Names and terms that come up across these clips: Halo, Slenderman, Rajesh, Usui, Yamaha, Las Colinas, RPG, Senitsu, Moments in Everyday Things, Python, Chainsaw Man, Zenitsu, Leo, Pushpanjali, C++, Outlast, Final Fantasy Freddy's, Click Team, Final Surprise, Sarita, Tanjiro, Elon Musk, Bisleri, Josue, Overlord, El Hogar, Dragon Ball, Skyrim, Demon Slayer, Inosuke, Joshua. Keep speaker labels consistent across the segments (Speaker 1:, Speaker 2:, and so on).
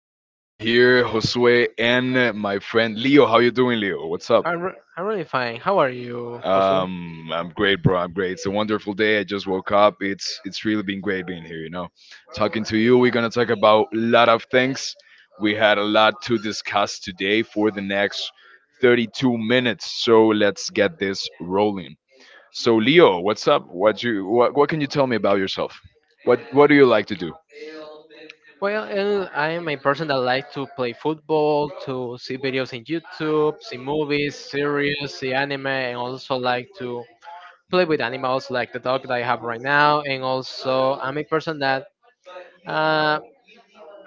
Speaker 1: Here, Josue and my friend Leo. How you doing, Leo? What's up?
Speaker 2: I'm really fine. How are you, Joshua?
Speaker 1: I'm great, bro. I'm great. It's a wonderful day. I just woke up. It's really been great being here. Talking to you. We're gonna talk about a lot of things. We had a lot to discuss today for the next 32 minutes. So let's get this rolling. So, Leo, what's up? What can you tell me about yourself? What do you like to do?
Speaker 2: Well, I'm a person that likes to play football, to see videos in YouTube, see movies, series, see anime, and also like to play with animals like the dog that I have right now. And also, I'm a person that uh,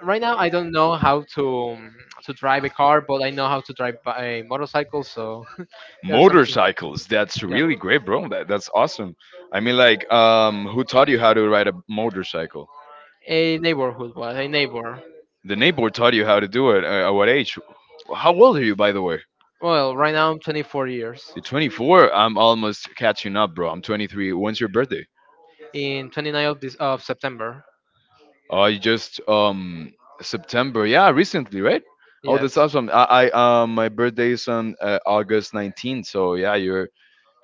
Speaker 2: right now I don't know how to drive a car, but I know how to drive a motorcycle. So there's a
Speaker 1: Motorcycles. That's
Speaker 2: yeah,
Speaker 1: really great, bro. That's awesome. I mean, like, who taught you how to ride a motorcycle?
Speaker 2: a neighborhood, well, a neighbor.
Speaker 1: The neighbor taught you how to do it. At what age? How old are you, by the way?
Speaker 2: Well, right now I'm 24 years.
Speaker 1: You're 24. I'm almost catching up, bro. I'm 23. When's your birthday?
Speaker 2: In 29th of this of September.
Speaker 1: Oh, you just September. Yeah, recently, right? Oh,
Speaker 2: Yes.
Speaker 1: that's awesome. I my birthday is on August 19th. So yeah, you're.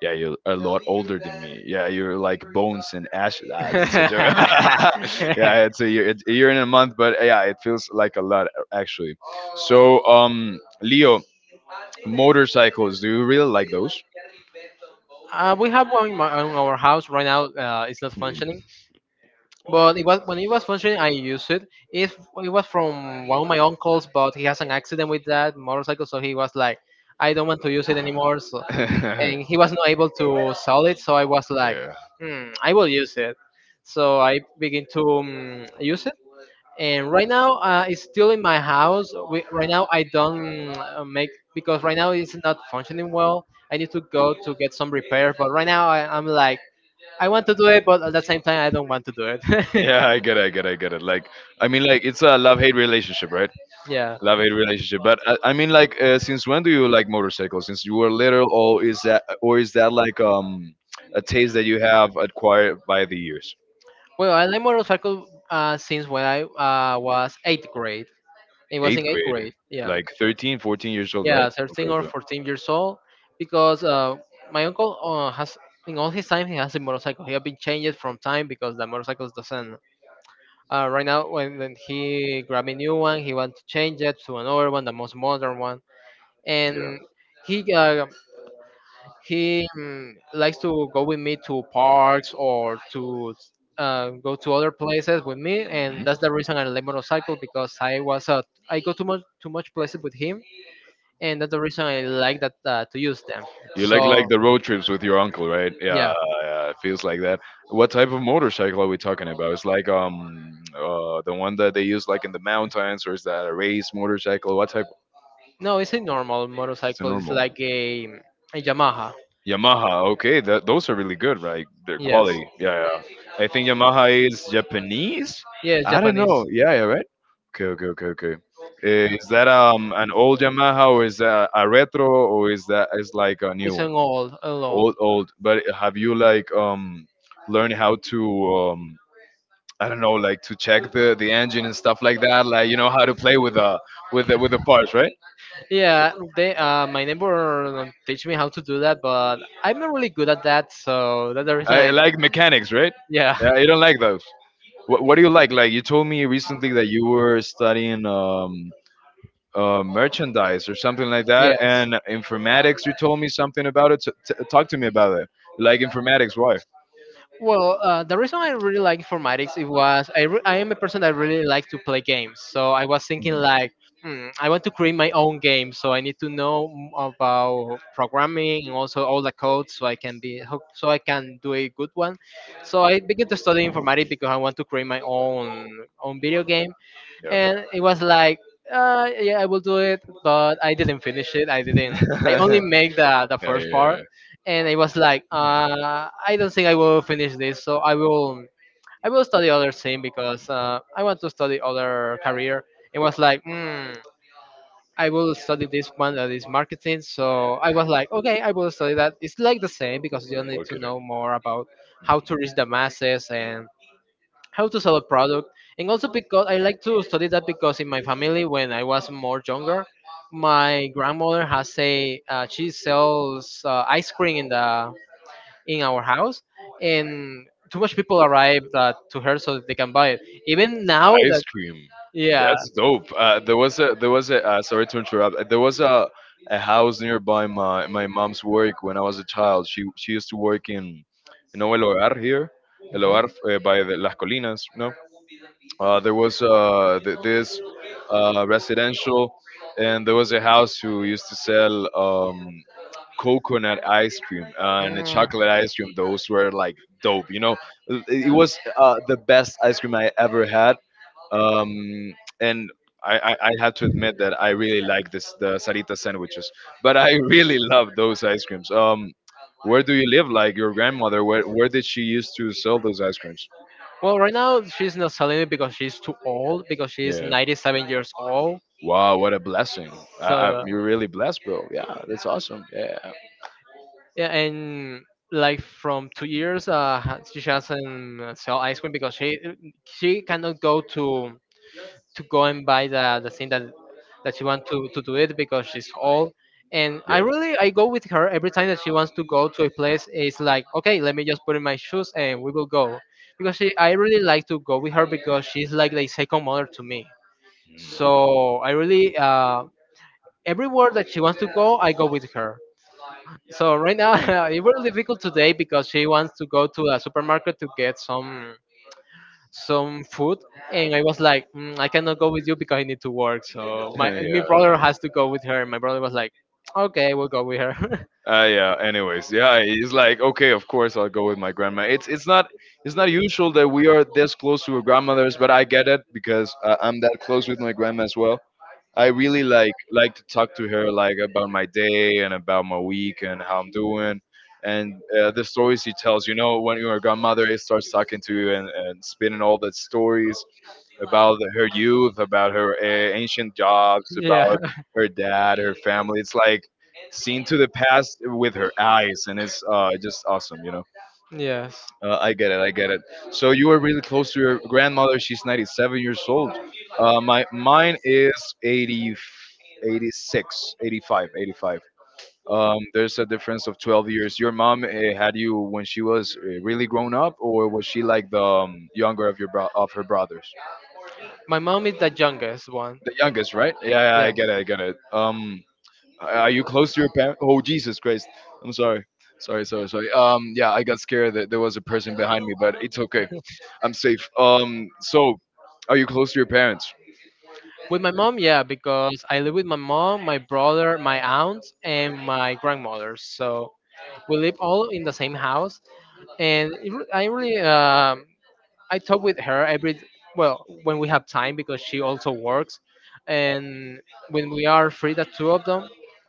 Speaker 1: Yeah, you're a lot older than me. Yeah, you're like bones and ashes. Ah, that's a joke.
Speaker 2: uh,
Speaker 1: Yeah, it's a year and a month, but yeah, it feels like a lot actually. So, Leo, motorcycles. Do you really like those?
Speaker 2: we have one in, my, in our house right now. It's not
Speaker 1: Mhm.
Speaker 2: functioning, but it was when it was functioning, I used it. It it was from one of my uncles, but he has an accident with that motorcycle, so he was like, "I don't want to use it anymore." So, and he was not able to sell it, so I was like, hmm, "I will use it." So I begin to use it, and right now it's still in my house. We, right now I don't make, because right now it's not functioning well. I need to go to get some repairs, but right now I'm like I want to do it, but
Speaker 1: Yeah.
Speaker 2: at the same time I don't want to do it.
Speaker 1: Yeah, I get it. I get it. I get it. Like, I mean, like it's a love hate relationship, right?
Speaker 2: Yeah.
Speaker 1: Love hate relationship. But I mean, like, since when do you like motorcycles? Since you were little, or is that like a taste that you have acquired by the years?
Speaker 2: Well, I like motorcycle since when I was eighth grade. It was
Speaker 1: Eighth
Speaker 2: in eighth
Speaker 1: grade,
Speaker 2: grade. Yeah.
Speaker 1: like 13, 14 years old, right?
Speaker 2: Yeah,
Speaker 1: Okay.
Speaker 2: 13 or
Speaker 1: Okay.
Speaker 2: 14 years old, because my uncle has in all his time he has a motorcycle. He has been changed from time because the motorcycles doesn't. Right now, when he grabbed a new one, he wants to change it to another one, the most modern one,
Speaker 1: Yeah.
Speaker 2: and he uh, he likes to go with me to parks or to go to other places with me, and that's the
Speaker 1: Mm-hmm.
Speaker 2: reason I like motorcycle because I was I go too much places with him, and that's the reason I like that to use them.
Speaker 1: You like
Speaker 2: So
Speaker 1: the road trips with your uncle, right? Yeah,
Speaker 2: yeah,
Speaker 1: yeah, it feels like that. What type of motorcycle are we talking about? It's like the one that they use like in the mountains, or is that a race motorcycle? What type?
Speaker 2: no, it's a normal
Speaker 1: It's a
Speaker 2: motorcycle. It's
Speaker 1: normal
Speaker 2: like a Yamaha.
Speaker 1: Yamaha. Okay, that those are really good, right? Their
Speaker 2: Yes,
Speaker 1: quality. Yeah, yeah. I think Yamaha is Japanese.
Speaker 2: yes,
Speaker 1: I don't
Speaker 2: Japanese.
Speaker 1: know. Yeah, yeah, right. Okay, okay, okay, okay. Eh, is that an old Yamaha or is that a retro or is that is like a new
Speaker 2: It's an
Speaker 1: one?
Speaker 2: old, an
Speaker 1: Old,
Speaker 2: old.
Speaker 1: old. But have you like learned how to I don't know, like to check the engine and stuff like that? Like, you know how to play with the parts, right?
Speaker 2: Yeah, they my neighbor teach me how to do that, but I'm not really good at that, so that's the reason I
Speaker 1: I
Speaker 2: like,
Speaker 1: like mechanics, right?
Speaker 2: yeah.
Speaker 1: Yeah, you don't like those. What do you like? Like, you told me recently that you were studying merchandise or something like that
Speaker 2: Yes.
Speaker 1: and informatics. You told me something about it, so talk to me about it. Like, informatics, why?
Speaker 2: Well, the reason I really like informatics it was I am a person that really like to play games. So I was thinking
Speaker 1: Hmm,
Speaker 2: like, hmm, I want to create my own game. So I need to know about programming and also all the code so I can so I can do a good one. So I began to study informatics because I want to create my own own video game.
Speaker 1: yeah.
Speaker 2: And it was like yeah, I will do it, but I didn't finish it, I didn't. I only
Speaker 1: Yeah,
Speaker 2: make the
Speaker 1: yeah,
Speaker 2: first part,
Speaker 1: yeah.
Speaker 2: and it was like I don't think I will finish this, so I will I will study other thing because I want to study other career. It was like I will study this one that is marketing. So I was like, okay, I will study that. It's like the same because you need to
Speaker 1: Marketing.
Speaker 2: know more about how
Speaker 1: Mhm.
Speaker 2: to reach the masses and how to sell a product. And also because I like to study that because in my family when I was more younger my grandmother has a she sells ice cream in the in our house, and too much people arrive to her so that they can buy it. Even now
Speaker 1: Ice
Speaker 2: that
Speaker 1: cream.
Speaker 2: yeah.
Speaker 1: That's dope. There was a sorry to interrupt. There was a house nearby my my mom's work when I was a child. She used to work in, you know, El Hogar here, El
Speaker 2: Mhm.
Speaker 1: Hogar by the Las Colinas, ¿no? There was this residential, and there was a house who used to sell coconut ice cream and a
Speaker 2: Mm.
Speaker 1: chocolate ice cream. Those were like dope, you know. It was the best ice cream I ever had, um, and I had to admit that I really like this the Sarita sandwiches. But I really love those ice creams. Where do you live? Like your grandmother, where did she used to sell those ice creams?
Speaker 2: Well, right now she's not selling it because she's too old, because she's
Speaker 1: Yeah.
Speaker 2: 97 years old.
Speaker 1: Wow, what a blessing.
Speaker 2: So,
Speaker 1: You're really blessed, bro. Yeah, that's awesome. Yeah.
Speaker 2: yeah, and like from 2 years, she doesn't sell ice cream because she cannot go to go and buy the thing that that she wants to do it because she's old. And I
Speaker 1: Yeah.
Speaker 2: really I go with her every time that she wants to go to a place. It's like okay, let me just put in my shoes and we will go because she, I really like to go with her because she's like the second mother to me. So I really everywhere that she wants to go, I go with her. So right now it was difficult today because she wants to go to a supermarket to get some food, and I was like, mm, I cannot go with you because I need to work. So my
Speaker 1: Mm.
Speaker 2: my
Speaker 1: Yeah.
Speaker 2: brother has to go with her. My brother was like, okay, we'll go with her.
Speaker 1: Yeah. Anyways, yeah, he's like, okay, of course I'll go with my grandma. It's not it's not usual that we are this close to our grandmothers, but I get it because I'm that close with my grandma as well. I really like to talk to her like about my day and about my week and how I'm doing and the stories she tells. You know, when your grandmother starts talking to you and spinning all the stories about her youth, about her ancient jobs,
Speaker 2: Yeah,
Speaker 1: about her dad, her family. It's like seen to the past with her eyes, and it's just awesome. You know.
Speaker 2: yes.
Speaker 1: I get it. I get it. So you are really close to your grandmother. She's 97 years old. My mine is 80, 86, 85, 85. There's a difference of 12 years. Your mom had you when she was really grown up, or was she like the younger of your of her brothers?
Speaker 2: My mom is the youngest one.
Speaker 1: The youngest, right? Yeah, yeah,
Speaker 2: Yeah.
Speaker 1: I get it. I get it. Are you close to your parents? Oh, Jesus Christ. I'm sorry. Sorry, sorry, sorry. Yeah, I got scared that there was a person behind me, but it's okay. I'm safe. So, are you close to your parents?
Speaker 2: With my mom, yeah, because I live with my mom, my brother, my aunt, and my grandmother. So we live all in the same house, and I really I talk with her every well when we have time because she also works. And when we are free the two of them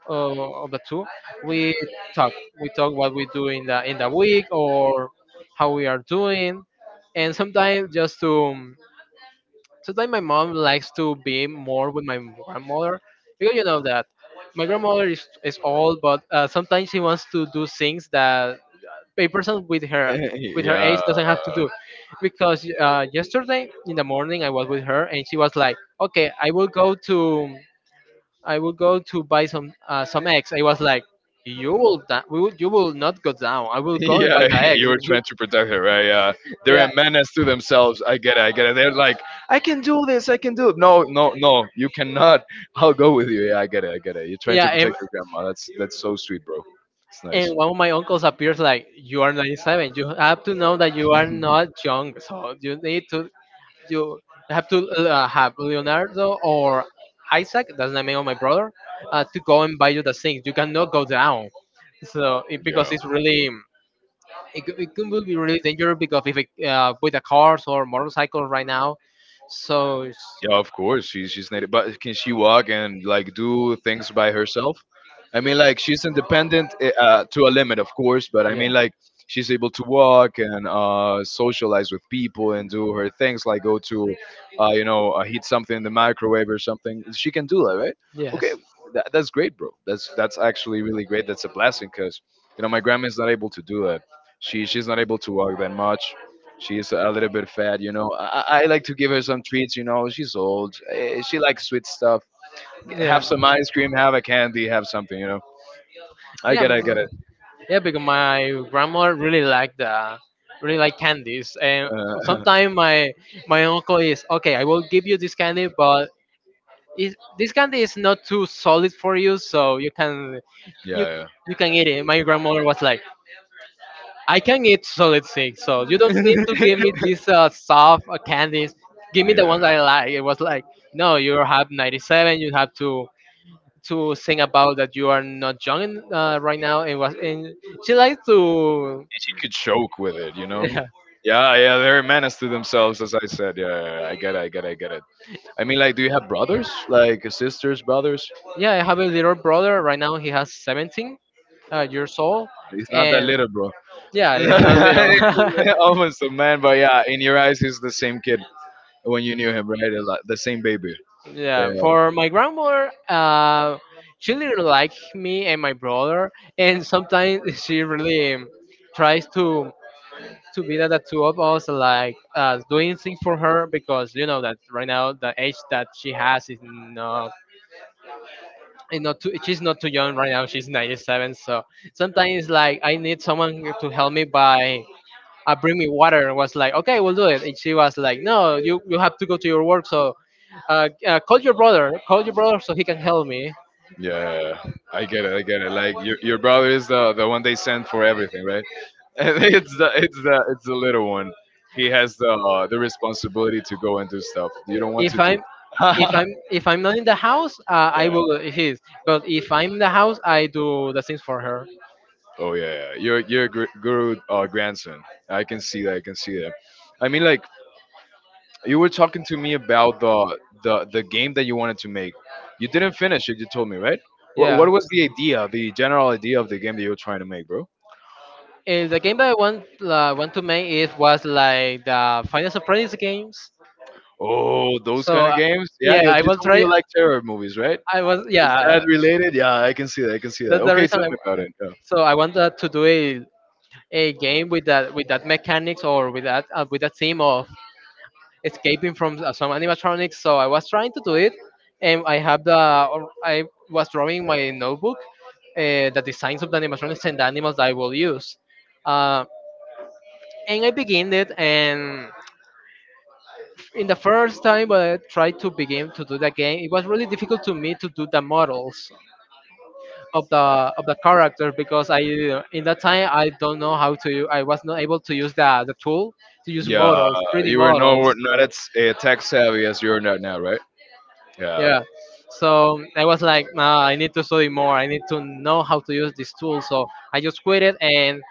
Speaker 2: of the two we talk we talk what we do in the week or how we are doing. And sometimes just to sometimes my mom likes to be more with my grandmother because you know that my grandmother is old, but sometimes she wants to do things that a person with her age
Speaker 1: Yeah.
Speaker 2: doesn't have to do. Because yesterday in the morning I was with her and she was like okay I will go to I will go to buy some eggs. I was like we will you will not go down I will go and buy
Speaker 1: Yeah,
Speaker 2: the eggs.
Speaker 1: you were
Speaker 2: You-
Speaker 1: trying to protect her, right? Yeah, they're
Speaker 2: yeah.
Speaker 1: a menace to themselves. I get it. I get it. They're like, I can do this. I can do it. No, no, no. You cannot. I'll go with you. Yeah, I get it. I get it. You're trying to
Speaker 2: Yeah,
Speaker 1: protect your grandma. That's so sweet, bro. It's
Speaker 2: and
Speaker 1: nice.
Speaker 2: one of my uncles appears like you are 97, you have to know that you are not young, so you need to you have to have Leonardo or Isaac, that's the name of my brother, to go and buy you the things. You cannot go down. So it,
Speaker 1: Yeah.
Speaker 2: because it's really it, it can will be really dangerous because if it, with the cars or motorcycles right now, so it's,
Speaker 1: Yeah, of course she's native, but can she walk and like do things by herself? I mean, like she's independent, eh, to a limit, of course, but I
Speaker 2: yeah,
Speaker 1: mean, like she's able to walk and socialize with people and do her things, like go to, you know, heat something in the microwave or something. She can do that, right? Okay,
Speaker 2: yes,
Speaker 1: that's great, bro. That's actually really great. That's a blessing, cause you know my grandma's not able to do that. She's not able to walk that much. She's a little bit fat, you know. I like to give her some treats, you know. She's old. Eh, she likes sweet stuff.
Speaker 2: yeah.
Speaker 1: Have some ice cream, have a candy, have something, you know. I
Speaker 2: Yeah,
Speaker 1: get it, I get it.
Speaker 2: m- Yeah, because my grandma really liked the really like candies, and
Speaker 1: Uh,
Speaker 2: sometimes my uncle is okay. I will give you this candy, but is, this candy is not too solid for you, so you can
Speaker 1: yeah,
Speaker 2: you
Speaker 1: yeah.
Speaker 2: you can eat it. My grandmother was like, I can eat solid things, so you don't need to give me these soft candies. Give me the ones I
Speaker 1: Yeah.
Speaker 2: like. It was like, no, you have 97. You have to think about that you are not young right now. It was and she likes to
Speaker 1: She could choke with it, you know.
Speaker 2: yeah
Speaker 1: Yeah, yeah, they're a menace to themselves, as I said. Yeah, yeah, yeah, I get it, I get it, I get it. I mean, like, do you have brothers? Like, sisters, brothers?
Speaker 2: yeah. I have a little brother right now he has 17 years old,
Speaker 1: He's not that
Speaker 2: and
Speaker 1: little, bro.
Speaker 2: yeah, it's not little.
Speaker 1: Yeah, almost a man, but yeah, in your eyes, he's the same kid when you knew him, right? It's like, the same baby. Yeah,
Speaker 2: Yeah, for my grandmother she really likes me and my brother, and sometimes she really tries to be that the two of us like doing things for her because you know that right now the age that she has is not too, she's not too young right now, she's 97. So sometimes like I need someone to help me by bring me water and was like, okay, we'll do it. And she was like, no, you have to go to your work. So call your brother so he can help me.
Speaker 1: yeah. I get it. I get it. Like your brother is the one they send for everything, right? And it's the it's the little one. He has the responsibility to go and do stuff you don't want
Speaker 2: If
Speaker 1: to
Speaker 2: I'm
Speaker 1: do.
Speaker 2: if I'm not in the house, I
Speaker 1: Yeah.
Speaker 2: will if he's. But if I'm in the house, I do the things for her.
Speaker 1: Oh yeah. Yeah. Your are guru grandson. I can see that. I can see that. I mean, like, you were talking to me about the game that you wanted to make. You didn't finish it. You told me, right?
Speaker 2: Yeah,
Speaker 1: What was the idea, the general idea of the game that you were trying to make, bro?
Speaker 2: and the game that I want to make it was like the Final Surprise games.
Speaker 1: Oh, those
Speaker 2: So
Speaker 1: kind of games. Yeah,
Speaker 2: yeah,
Speaker 1: you
Speaker 2: I will
Speaker 1: told me
Speaker 2: try.
Speaker 1: you like terror movies, right?
Speaker 2: I was
Speaker 1: Is that
Speaker 2: yeah.
Speaker 1: related? Yeah, I can see that. I can see that.
Speaker 2: That's the
Speaker 1: Okay,
Speaker 2: reason.
Speaker 1: tell
Speaker 2: I,
Speaker 1: me about it.
Speaker 2: so I wanted to do a game with that mechanics or with that theme of escaping from some animatronics. So I was trying to do it, and I have the or I was drawing my notebook the designs of the animatronics and the animals that I will use. Uh, and I began it, and in the first time when I tried to begin to do the game, it was really difficult to me to do the models of the of the character because I in that time I
Speaker 1: Yeah.
Speaker 2: don't know how to I was not able to use the tool to use
Speaker 1: Yeah,
Speaker 2: models, 3D
Speaker 1: you were no
Speaker 2: models.
Speaker 1: not as tech savvy as you are not now, right? Yeah.
Speaker 2: Yeah. So I was like, nah, I need to study more. I need to know how to use this tool, so I just quit it, and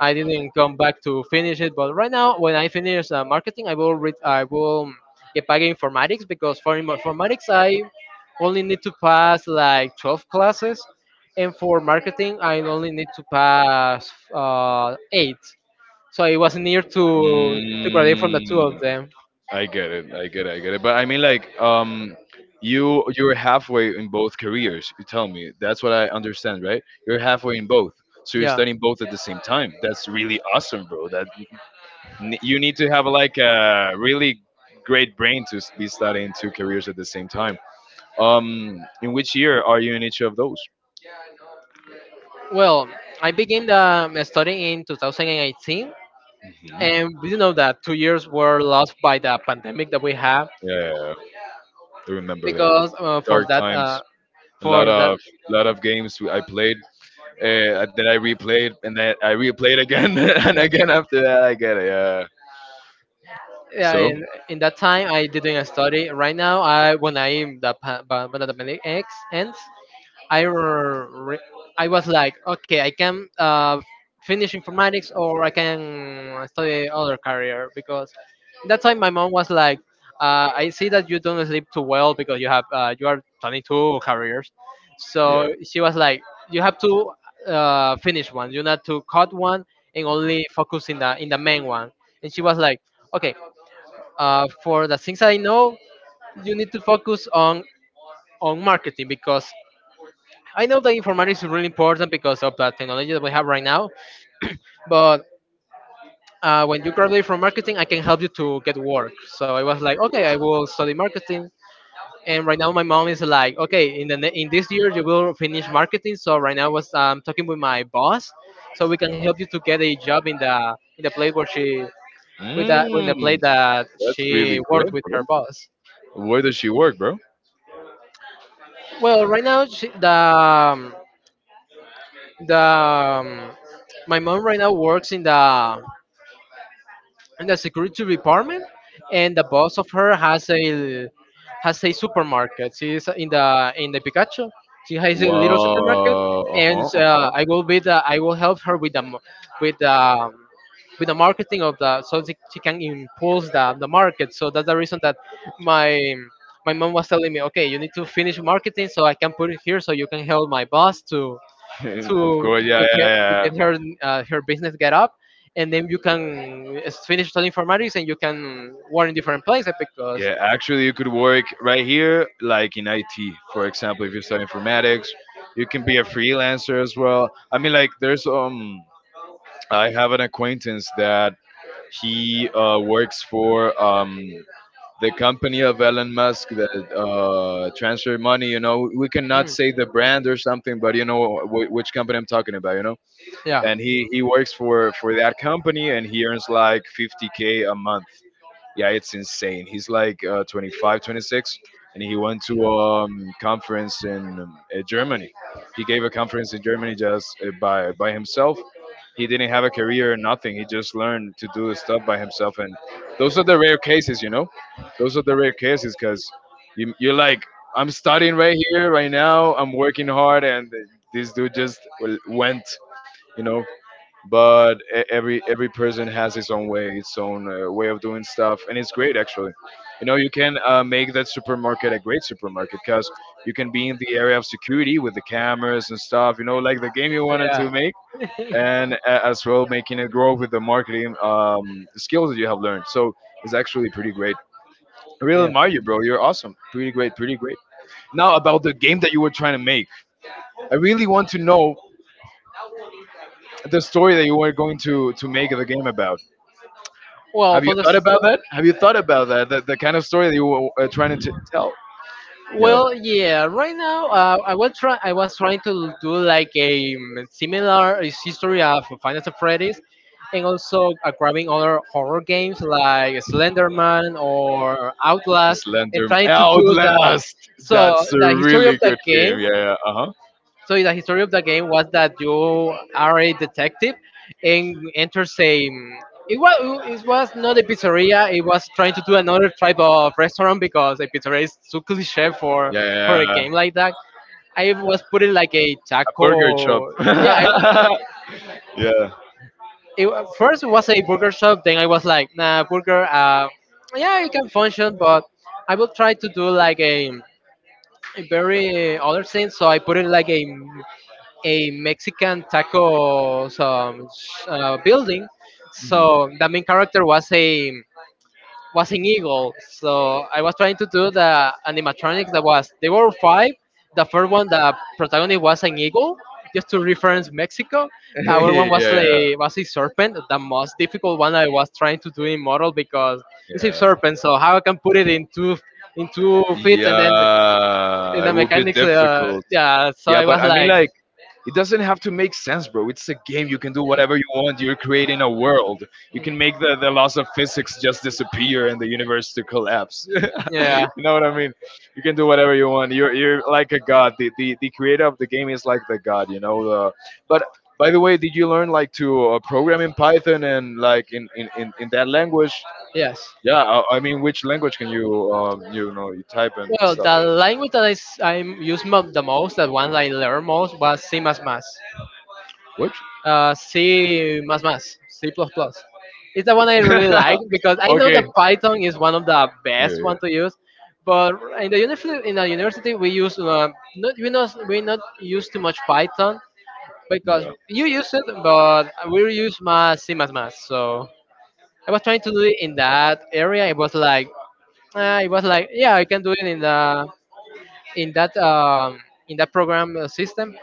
Speaker 2: I didn't come back to finish it. But right now, when I finish marketing, I will read, I will get back in informatics. Because for informatics, I only need to pass like 12 classes, and for marketing I only need to pass 8. So it was near to graduate from the
Speaker 1: Mm,
Speaker 2: two of them.
Speaker 1: I get it. I get it. I get it. But I mean, like, you you're halfway in both careers. You tell me. That's what I understand, right? You're halfway in both. So you're
Speaker 2: Yeah.
Speaker 1: studying both at the same time. That's really awesome, bro. That you need to have like a really great brain to be studying two careers at the same time. In which year are you in each of those?
Speaker 2: Well, I began studying in 2018, and
Speaker 1: Hmm.
Speaker 2: you know that 2 years were lost by the pandemic that we have?
Speaker 1: Yeah, I remember that.
Speaker 2: Because
Speaker 1: Dark times. A
Speaker 2: for that
Speaker 1: lot of games I played that I replayed and that I replayed again and again after that. I get it. Yeah.
Speaker 2: Yeah,
Speaker 1: So
Speaker 2: in that time I didn't study. Right now, I when I the pa- pa- when the pandemic ends, I r- re- I was like, okay, I can finish informatics, or I can study other career. Because in that time my mom was like, I see that you don't sleep too well because you have you are 22 careers, so
Speaker 1: yeah.
Speaker 2: she was like, you have to finish one, you not to cut one, and only focus in the main one. And she was like, okay, for the things I know, you need to focus on marketing. Because I know that informatics is really important because of the technology that we have right now, but when you graduate from marketing, I can help you to get work. So I was like, okay, I will study marketing. And right now, my mom is like, okay, in this year you will finish marketing. So right now, I was talking with my boss, so we can help you to get a job in the place where she with the in the
Speaker 1: Mm,
Speaker 2: place that
Speaker 1: that's really
Speaker 2: she
Speaker 1: great,
Speaker 2: worked with her
Speaker 1: bro.
Speaker 2: boss.
Speaker 1: Where does she work, bro?
Speaker 2: Well, right now, she, the my mom right now works in the security department, and the boss of her has a supermarket. She is in the Pikachu. She has a little supermarket,
Speaker 1: Wow. Uh
Speaker 2: and
Speaker 1: huh. Uh
Speaker 2: I will help her with with the um, with the marketing of the... so she can impulse the market. So that's the reason that my my mom was telling me, okay, you need to finish marketing, so I can put it here, so you can help my boss
Speaker 1: huh. Of course.
Speaker 2: to
Speaker 1: Yeah. Yeah.
Speaker 2: to
Speaker 1: Yeah.
Speaker 2: get her her business get up. And then you can finish studying informatics, and you can work in different places. Because...
Speaker 1: Yeah, actually, you could work right here, like in IT, for example, if you study informatics, you can be a freelancer as well. I mean, like, there's, I have an acquaintance that he works for the company of Elon Musk that transfer money. You know, we
Speaker 2: Mm.
Speaker 1: cannot say the brand or something, but you know which company I'm talking about. You know,
Speaker 2: Yeah.
Speaker 1: and he works for that company, and he earns like 50k a month. Yeah, it's insane. He's like 25, 26, and he went to a conference in Germany. He gave a conference in Germany just by himself. He didn't have a career or nothing. He just learned to do stuff by himself, and those are the rare cases, you know. Those are the rare cases because you're like, I'm studying right here, right now. I'm working hard, and this dude just went, you know but every person has his own way, its own way of doing stuff, and it's great, actually. You know, you can make that supermarket a great supermarket, because you can be in the area of security, with the cameras and stuff, you know, like the game you wanted to make, and as well making it grow with the marketing skills that you have learned. So it's actually pretty great. I really admire you, bro. You're awesome. Pretty great, pretty great. Now, about the game that you were trying to make, I really want to know the story that you were going to make the game about.
Speaker 2: Well,
Speaker 1: Have you
Speaker 2: for the
Speaker 1: thought about that?
Speaker 2: s-
Speaker 1: Have you thought about that? The kind of story that you were trying to tell? Yeah.
Speaker 2: well, yeah. Right now, I was trying to do like a similar history of Final Fantasy Freddy's, and also grabbing other horror games like Slenderman or Outlast, and
Speaker 1: Slender,
Speaker 2: trying to do the...
Speaker 1: Outlast.
Speaker 2: so
Speaker 1: That's a
Speaker 2: the history of
Speaker 1: really
Speaker 2: the
Speaker 1: good game.
Speaker 2: game
Speaker 1: Yeah, yeah. Uh huh.
Speaker 2: So the history of the game was that you are a detective and enters a. It was not a pizzeria. It was trying to do another type of restaurant because a pizzeria is too cliche
Speaker 1: Yeah,
Speaker 2: for
Speaker 1: yeah,
Speaker 2: a
Speaker 1: yeah.
Speaker 2: game like that. I was putting like a
Speaker 1: A burger shop.
Speaker 2: taco. Yeah.
Speaker 1: Yeah.
Speaker 2: First it was a burger shop. Then I was like, nah, burger. Yeah, it can function, but I will try to do like a very other thing. So I put it like a Mexican tacos building.
Speaker 1: Mm.
Speaker 2: So the main character was an eagle. So I was trying to do the animatronics that was they were five. The first one, the protagonist was an eagle, just to reference Mexico. Our
Speaker 1: Yeah,
Speaker 2: one
Speaker 1: yeah.
Speaker 2: was a serpent, the most difficult one I was trying to do in model, because it's a serpent. So how I can put it in two in 2 feet, and then in
Speaker 1: Yeah.
Speaker 2: the mechanics, yeah. So
Speaker 1: Yeah,
Speaker 2: I
Speaker 1: but
Speaker 2: was
Speaker 1: I mean,
Speaker 2: like,
Speaker 1: like, it doesn't have to make sense, bro. It's a game. You can do whatever you want. You're creating a world. You can make the laws of physics just disappear and the universe to collapse.
Speaker 2: yeah,
Speaker 1: You know what I mean? You can do whatever you want. You're like a god. The creator of the game is like the god. You know. But by the way, did you learn like to program in Python and like in that language?
Speaker 2: yes.
Speaker 1: Yeah, I mean, which language can you, you know, you type and
Speaker 2: Well,
Speaker 1: stuff?
Speaker 2: the language that I use the most, that one I learned most, was C++.
Speaker 1: Which?
Speaker 2: C++. It's the one I really like because I know
Speaker 1: Okay.
Speaker 2: that Python is one of the
Speaker 1: Yeah,
Speaker 2: best
Speaker 1: yeah.
Speaker 2: one to use, but in the university we use not, we not use too much Python, because
Speaker 1: Yeah.
Speaker 2: you use it. But we use my C++. So I was trying to do it in that area. It was like, yeah, I can do it in the in that um, in that program system.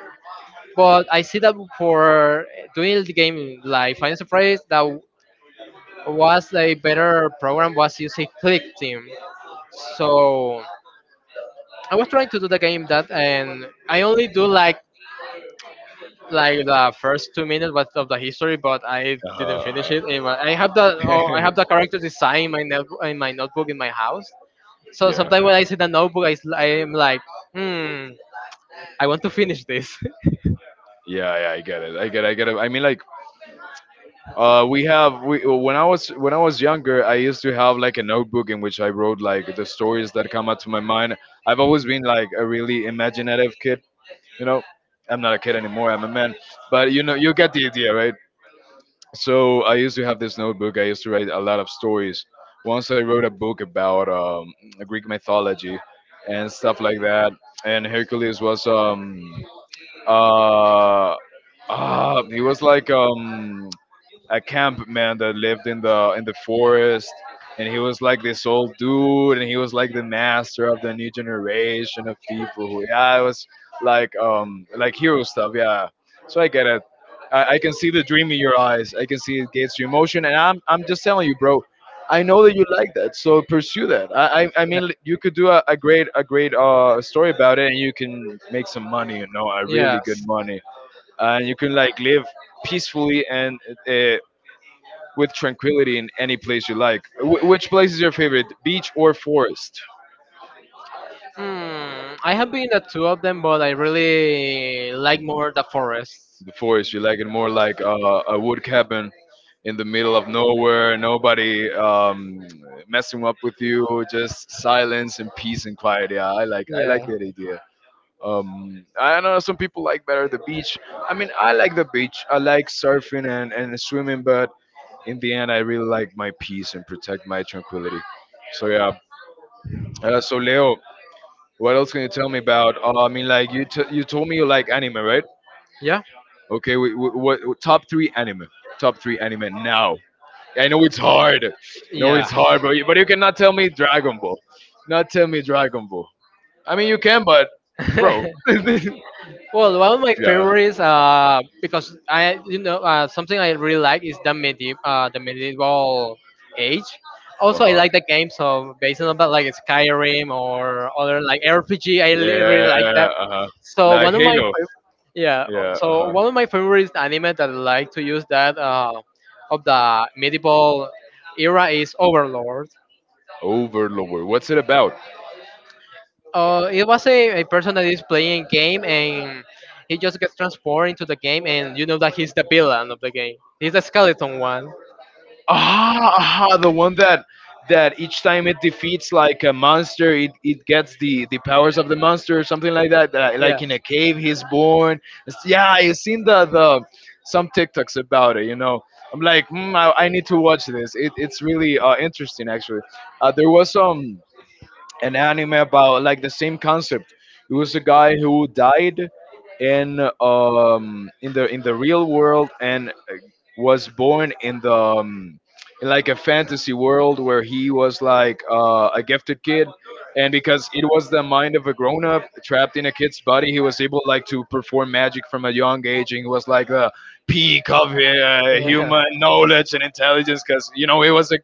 Speaker 2: But I see that for doing the game like Final Surprise, that was a better program was using Click Team. So I was trying to do and I only do like the first 2 minutes was of the history, but I
Speaker 1: Uh-huh,
Speaker 2: didn't finish
Speaker 1: uh-huh.
Speaker 2: it. I have the character design in my notebook in my house. So
Speaker 1: Yeah.
Speaker 2: sometimes when I see the notebook, I am like, hmm, I want to finish this.
Speaker 1: Yeah, yeah, I get it. I get it. I mean, like, we have we when I was younger, I used to have like a notebook in which I wrote like the stories that come up to my mind. I've always been like a really imaginative kid. You know, I'm not a kid anymore. I'm a man, but you know, you get the idea, right? So I used to have this notebook. I used to write a lot of stories. Once I wrote a book about Greek mythology and stuff like that. And Hercules was uh, he was like a camp man that lived in the forest, and he was like this old dude, and he was like the master of the new generation of people who, yeah, it was like hero stuff, yeah. So I get it. I can see the dream in your eyes. I can see it gets you emotion, and I'm just telling you, bro, I know that you like that, so pursue that. I mean, you could do a great, a great story about it, and you can make some money, you know, a
Speaker 2: Yeah.
Speaker 1: really
Speaker 2: Yes.
Speaker 1: good money, and you can like live peacefully and uh, with tranquility in any place you like. Which place is your favorite, beach or forest?
Speaker 2: Hmm. I have been at two of them, but I really like
Speaker 1: Mm.
Speaker 2: more the forest.
Speaker 1: The forest. You like it more like a wood cabin in the middle of nowhere, nobody messing up with you, just silence and peace and quiet. Yeah, I
Speaker 2: Yeah.
Speaker 1: like that idea. I know some people like better the beach. I mean, I like the beach. I like surfing and swimming, but in the end, I really like my peace and protect my tranquility. So yeah. So Leo, what else can you tell me about? I mean, like you you told me you like anime, right? Okay, what top 3 anime? Top three anime now. I know it's hard. No,
Speaker 2: Yeah.
Speaker 1: it's hard, bro. But you cannot tell me Dragon Ball. Not tell me Dragon Ball. I mean, you can, but
Speaker 2: Yeah.
Speaker 1: bro. Yeah.
Speaker 2: Well, one of my favorites, because I, you know, something I really like is the medieval age. Also, I
Speaker 1: Uh-huh.
Speaker 2: like the games of based on that, like Skyrim or other like RPG.
Speaker 1: Yeah.
Speaker 2: Really like that.
Speaker 1: Uh-huh.
Speaker 2: So
Speaker 1: Like
Speaker 2: one of my,
Speaker 1: Halo.
Speaker 2: fav- Yeah.
Speaker 1: Yeah.
Speaker 2: So
Speaker 1: Uh-huh.
Speaker 2: one of my favorite anime that I like to use that of the medieval era is Overlord.
Speaker 1: Overlord. What's it about?
Speaker 2: It was a person that is playing game, and he just gets transported into the game, and you know that he's the villain of the game. He's the skeleton one.
Speaker 1: Ah, aha, the one that that each time it defeats like a monster, it gets the powers of the monster or something like that. That,
Speaker 2: Yeah.
Speaker 1: like in a cave, he's born. It's, yeah, I've seen the some TikToks about it. You know, I'm like, mm, I need to watch this. It's really interesting, actually. There was some an anime about like the same concept. It was a guy who died in the real world, and was born in the in like a fantasy world, where he was like a gifted kid, and because it was the mind of a grown up trapped in a kid's body, he was able like to perform magic from a young age, and he was like the peak of human knowledge and intelligence, cuz you know, he was a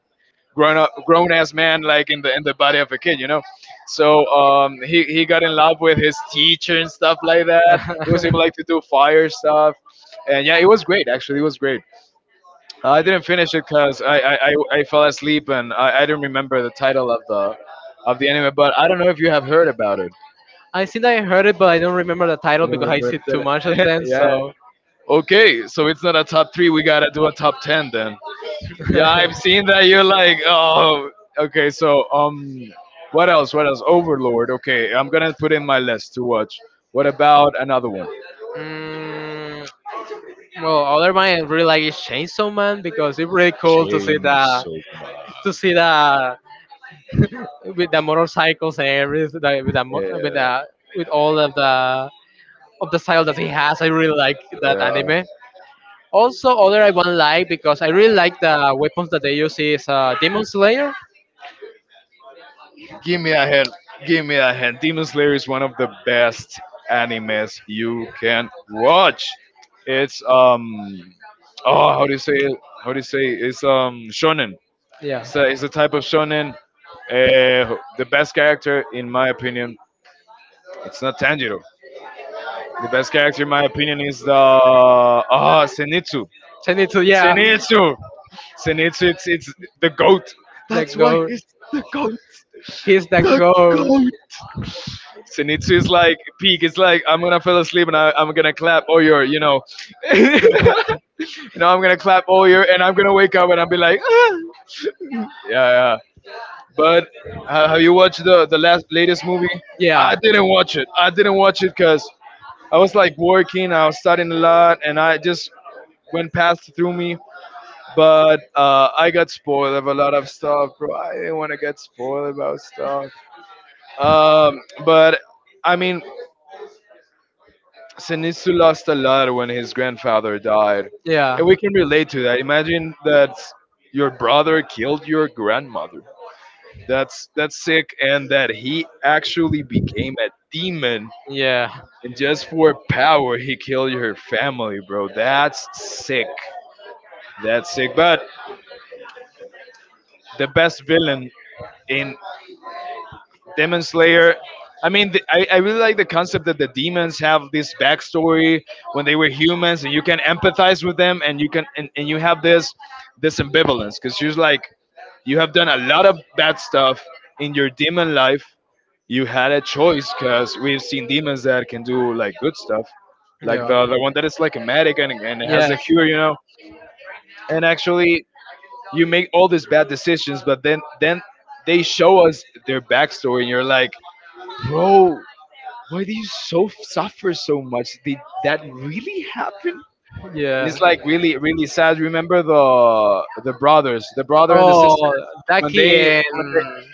Speaker 1: grown up, grown ass man, like in the body of a kid, you know. So he got in love with his teacher and stuff like that. He was able like to do fire stuff, and yeah, it was great, actually, it was great. I didn't finish it because I fell asleep, and I didn't remember the title of the anime. But I don't know if you have heard about it.
Speaker 2: I think I heard it, but I don't remember the title
Speaker 1: You don't
Speaker 2: because I
Speaker 1: remember
Speaker 2: see too much of
Speaker 1: that?
Speaker 2: them.
Speaker 1: Yeah.
Speaker 2: So,
Speaker 1: Okay, so it's not a top 3. We gotta do a top 10 then. Yeah, I've seen that. You're like, oh, okay. So what else? What else? Overlord. Okay, I'm gonna put in my list to watch. What about another one?
Speaker 2: mm, well, other one I really like is Chainsaw Man because it's really cool
Speaker 1: Chainsaw Man.
Speaker 2: to see the with the motorcycles and everything, like,
Speaker 1: Yeah,
Speaker 2: with all of the style that he has. I really like that
Speaker 1: yeah.
Speaker 2: anime. Also, other I one like because I really like the weapons that they use is Demon Slayer.
Speaker 1: Give me a hand. Give me a hand. Demon Slayer is one of the best animes you can watch. It's oh, how do you say it? How do you say it? It's shonen.
Speaker 2: Yeah.
Speaker 1: It's a type of shonen. The best character, in my opinion, it's not Tanjiro. The best character, in my opinion, is the ah Senitsu.
Speaker 2: Zenitsu, yeah.
Speaker 1: Senitsu. And it's the goat. That's
Speaker 2: Let's
Speaker 1: why
Speaker 2: go.
Speaker 1: it's the goat.
Speaker 2: He's the
Speaker 1: The
Speaker 2: goat.
Speaker 1: goat. Senitsu is like peak. It's like, I'm gonna fall asleep, and I'm gonna clap all your, you know, you know, I'm gonna clap all your, and I'm gonna wake up, and I'll be like, ah. Yeah, yeah. But have you watched the last latest movie?
Speaker 2: Yeah.
Speaker 1: I didn't watch it. I didn't watch it because I was like working. I was studying a lot, and I just went past through me. But I got spoiled of a lot of stuff, bro. I didn't want to get spoiled about stuff. But I mean, Sinitsu lost a lot when his grandfather died,
Speaker 2: Yeah.
Speaker 1: and we can relate to that. Imagine that your brother killed your grandmother. That's sick, and that he actually became a demon,
Speaker 2: Yeah.
Speaker 1: and just for power, he killed your family, bro. That's sick. That's sick. But the best villain in Demon Slayer. I mean, I really like the concept that the demons have this backstory when they were humans, and you can empathize with them, and and you have this this ambivalence, because she's like, you have done a lot of bad stuff in your demon life. You had a choice, because we've seen demons that can do like good stuff, like
Speaker 2: Yeah.
Speaker 1: the one that is like a medic, and has a
Speaker 2: Yes.
Speaker 1: cure, you know. And actually, you make all these bad decisions, but then they show us their backstory, and you're like, bro, why do you so suffer so much? Did that really happen? And
Speaker 2: Yeah.
Speaker 1: it's like really, really sad. Remember the brothers, the brother and the sister,
Speaker 2: Oh,
Speaker 1: when they
Speaker 2: Ducky
Speaker 1: when they,
Speaker 2: and...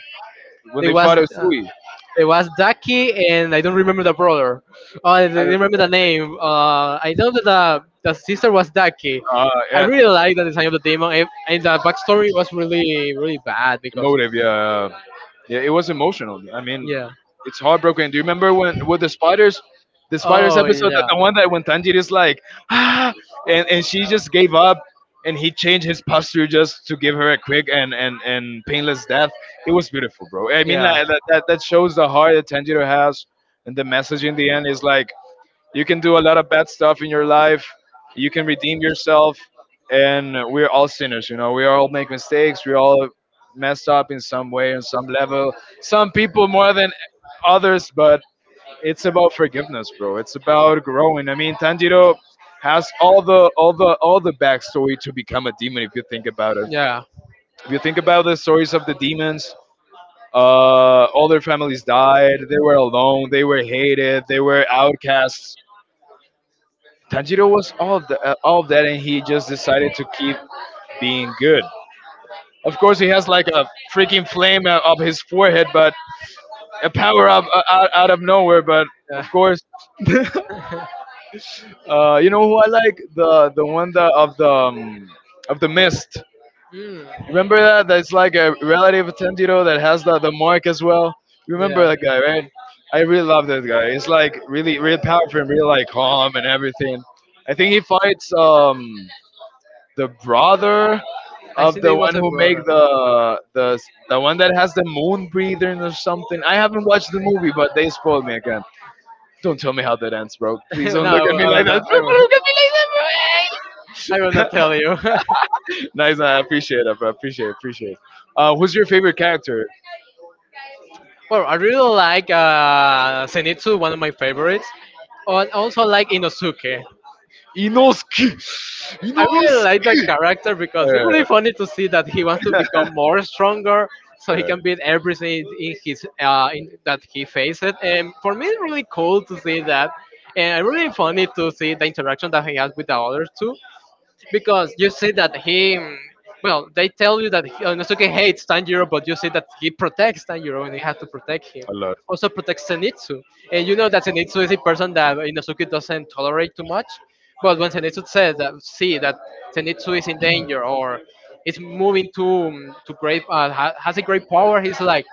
Speaker 1: when
Speaker 2: it
Speaker 1: they
Speaker 2: was
Speaker 1: fought
Speaker 2: uh,
Speaker 1: Usui.
Speaker 2: it was Ducky, and I don't remember the brother. Oh, I
Speaker 1: I
Speaker 2: don't
Speaker 1: don't,
Speaker 2: remember the name. I know that the sister was Ducky.
Speaker 1: uh,
Speaker 2: I
Speaker 1: yeah.
Speaker 2: really like the design of the demon, and the backstory was really really bad, because
Speaker 1: Emotive, yeah, yeah. Yeah, it was emotional. I mean,
Speaker 2: yeah.
Speaker 1: it's heartbroken. Do you remember when with the spiders
Speaker 2: Oh
Speaker 1: episode, that
Speaker 2: yeah.
Speaker 1: the one that when Tanjiro is like, ah, and she just gave up, and he changed his posture just to give her a quick and and painless death. It was beautiful, bro. I mean,
Speaker 2: Yeah.
Speaker 1: that shows the heart that Tanjiro has, and the message in the end is like, you can do a lot of bad stuff in your life. You can redeem yourself. And we're all sinners, you know. We all make mistakes. We all messed up in some way, in some level. Some people more than others, but it's about forgiveness, bro. It's about growing. I mean, Tanjiro has all the backstory to become a demon if you think about it.
Speaker 2: Yeah.
Speaker 1: If you think about the stories of the demons, all their families died. They were alone. They were hated. They were outcasts. Tanjiro was all of that, and he just decided to keep being good. Of course, he has like a freaking flame up his forehead, but a power up out of nowhere. But
Speaker 2: Yeah.
Speaker 1: of course, you know who I like, the one that of the of the mist.
Speaker 2: Mm,
Speaker 1: Remember that? That's like a relative of Tanjiro that has the mark as well. Remember
Speaker 2: yeah.
Speaker 1: that guy, right? I really love that guy. He's like really, really powerful and really like calm and everything. I think he fights. The brother of the
Speaker 2: It was
Speaker 1: one
Speaker 2: a
Speaker 1: who
Speaker 2: brother.
Speaker 1: make the one that has the moon breathing or something. I haven't watched the movie, but they spoiled me again. Don't tell me how that ends, bro. Please don't
Speaker 2: No,
Speaker 1: look at me
Speaker 2: I will
Speaker 1: like that.
Speaker 2: not. I
Speaker 1: Don't
Speaker 2: will.
Speaker 1: look at me
Speaker 2: I will
Speaker 1: like
Speaker 2: not tell you.
Speaker 1: that. Nice, I appreciate it. I appreciate, Who's your favorite character?
Speaker 2: Well, I really like Zenitsu, one of my favorites, and also like Inosuke.
Speaker 1: Inosuke.
Speaker 2: I really like
Speaker 1: Inosuke.
Speaker 2: that character because it's
Speaker 1: Yeah,
Speaker 2: really funny to see that he wants to become more stronger, so he
Speaker 1: yeah,
Speaker 2: can beat everything that he faces. And for me, it's really cool to see that, and really funny to see the interaction that he has with the others too. Because you see that he well, they tell you that Nosuke hates Tanjiro, but you see that he protects Tanjiro, and you have to protect him,
Speaker 1: a lot.
Speaker 2: also protects Zenitsu. And you know that Zenitsu is a person that Inosuke doesn't tolerate too much, but when Zenitsu says that, see that Zenitsu is in danger or is moving to great, has a great power, he's like,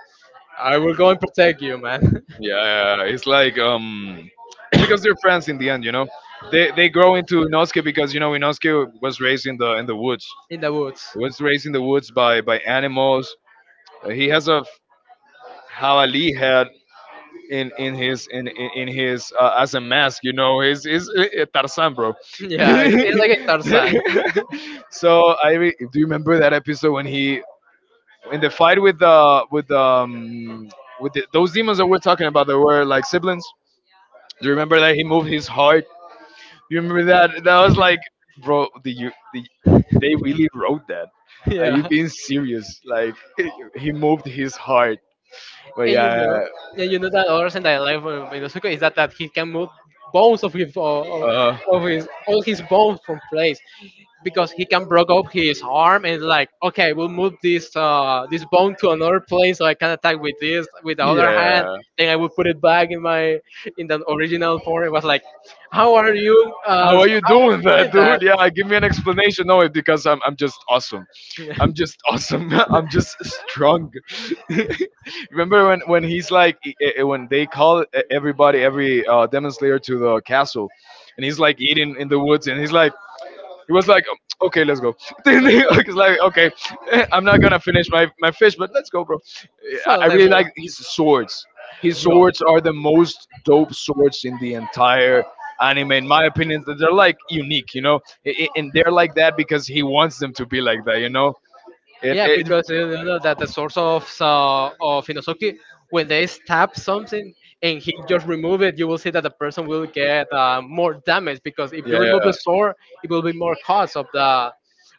Speaker 2: I will go and protect you, man.
Speaker 1: Yeah, yeah, it's like it's because they're friends in the end, you know. They grow into Inosuke because you know Inosuke was raised in the woods.
Speaker 2: In the woods.
Speaker 1: He was raised in the woods by animals. He has a javali head in his as a mask. You know, he's Tarzan, bro.
Speaker 2: Yeah. It's like a Tarzan.
Speaker 1: So do you remember that episode when he, in the fight with the with those demons that we're talking about that were like siblings. Do you remember that he moved his heart? You remember that? That was like, bro, the you the they really wrote that. Are you
Speaker 2: Yeah,
Speaker 1: being serious? Like he moved his heart. But
Speaker 2: and you
Speaker 1: yeah,
Speaker 2: know, and you know that other thing that I like from Inosuke is that he can move bones of his
Speaker 1: uh,
Speaker 2: of his all his bones from place, because he can broke up his arm, and like, okay, we'll move this this bone to another place, so I can attack with this with the other hand.
Speaker 1: yeah.
Speaker 2: Then I will put it back in my in the original form. It was like, how are you?
Speaker 1: How
Speaker 2: How are
Speaker 1: are you doing
Speaker 2: you
Speaker 1: that,
Speaker 2: doing
Speaker 1: dude?
Speaker 2: that?
Speaker 1: Yeah, give me an explanation. No, it- because I'm just awesome. I'm just awesome. I'm just strong. Remember when he's like when they call everybody, every demon slayer to the castle, and he's like eating in the woods, and he's like. He was like, "Oh, okay, let's go."
Speaker 2: Okay.
Speaker 1: He's like, okay, I'm not gonna finish my fish, but let's go, bro.
Speaker 2: So
Speaker 1: I
Speaker 2: let's.
Speaker 1: really like his swords. His
Speaker 2: Yeah,
Speaker 1: swords are the most dope swords in the entire anime, in my opinion. That They're like unique, you know, and they're like that because he wants them to be like that, you know. And
Speaker 2: yeah,
Speaker 1: it,
Speaker 2: because you know that the source of Inosuke, when they stab something and he just remove it, you will see that the person will get more damage, because if
Speaker 1: yeah,
Speaker 2: you remove the
Speaker 1: yeah.
Speaker 2: sword, it will be more cost of the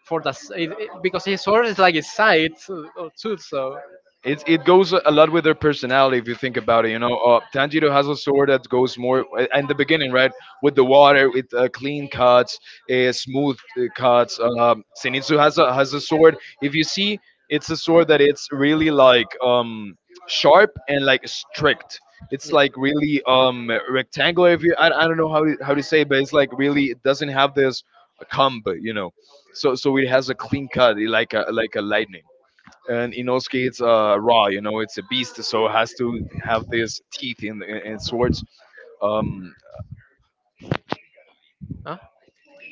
Speaker 2: it... because his sword is like his side too. So...
Speaker 1: It's it goes a lot with their personality if you think about it. You know, Tanjiro has a sword that goes more in the beginning, right, with the water, with clean cuts, smooth cuts. Zenitsu has a sword. If you see, it's a sword that it's really like sharp and like strict. It's like really rectangular. If you, I don't know how to say it, but it's like really it doesn't have this a comb, you know. So it has a clean cut, like a lightning. And Inosuke, it's raw, you know, it's a beast, so it has to have these teeth in swords. Um,
Speaker 2: Huh? I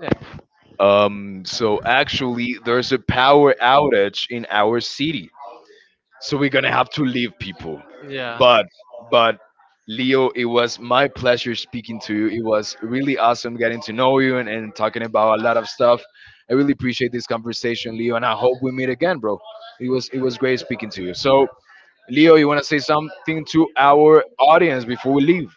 Speaker 2: Yeah.
Speaker 1: so actually, there's a power outage in our city, so we're gonna have to leave, people, but but Leo, it was my pleasure speaking to you. It was really awesome getting to know you, and talking about a lot of stuff. I really appreciate this conversation, Leo, and I hope we meet again, bro. It was great speaking to you. So Leo, you want to say something to our audience before we leave?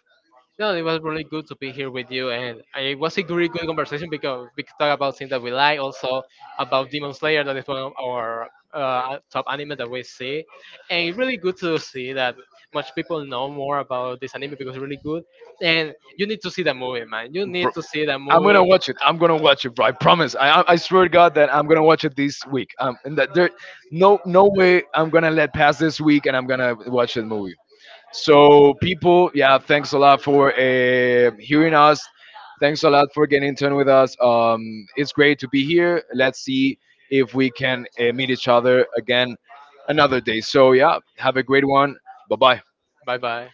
Speaker 2: No, it was really good to be here with you, and it was a really good conversation because we could talk about things that we like, also about Demon Slayer, that is one of our top anime that we see, and it's really good to see that much people know more about this anime because it's really good. And you need to see the movie, man. You need to see the
Speaker 1: I'm gonna
Speaker 2: movie.
Speaker 1: watch it, I'm gonna watch it, bro. I promise, I swear to god that I'm gonna watch it this week, and that there, no way I'm gonna let pass this week, and I'm gonna watch the movie. So, people, yeah, thanks a lot for hearing us. Thanks a lot for getting in tune with us. It's great to be here. Let's see if we can meet each other again another day. So, yeah, have a great one. Bye bye.
Speaker 2: Bye bye.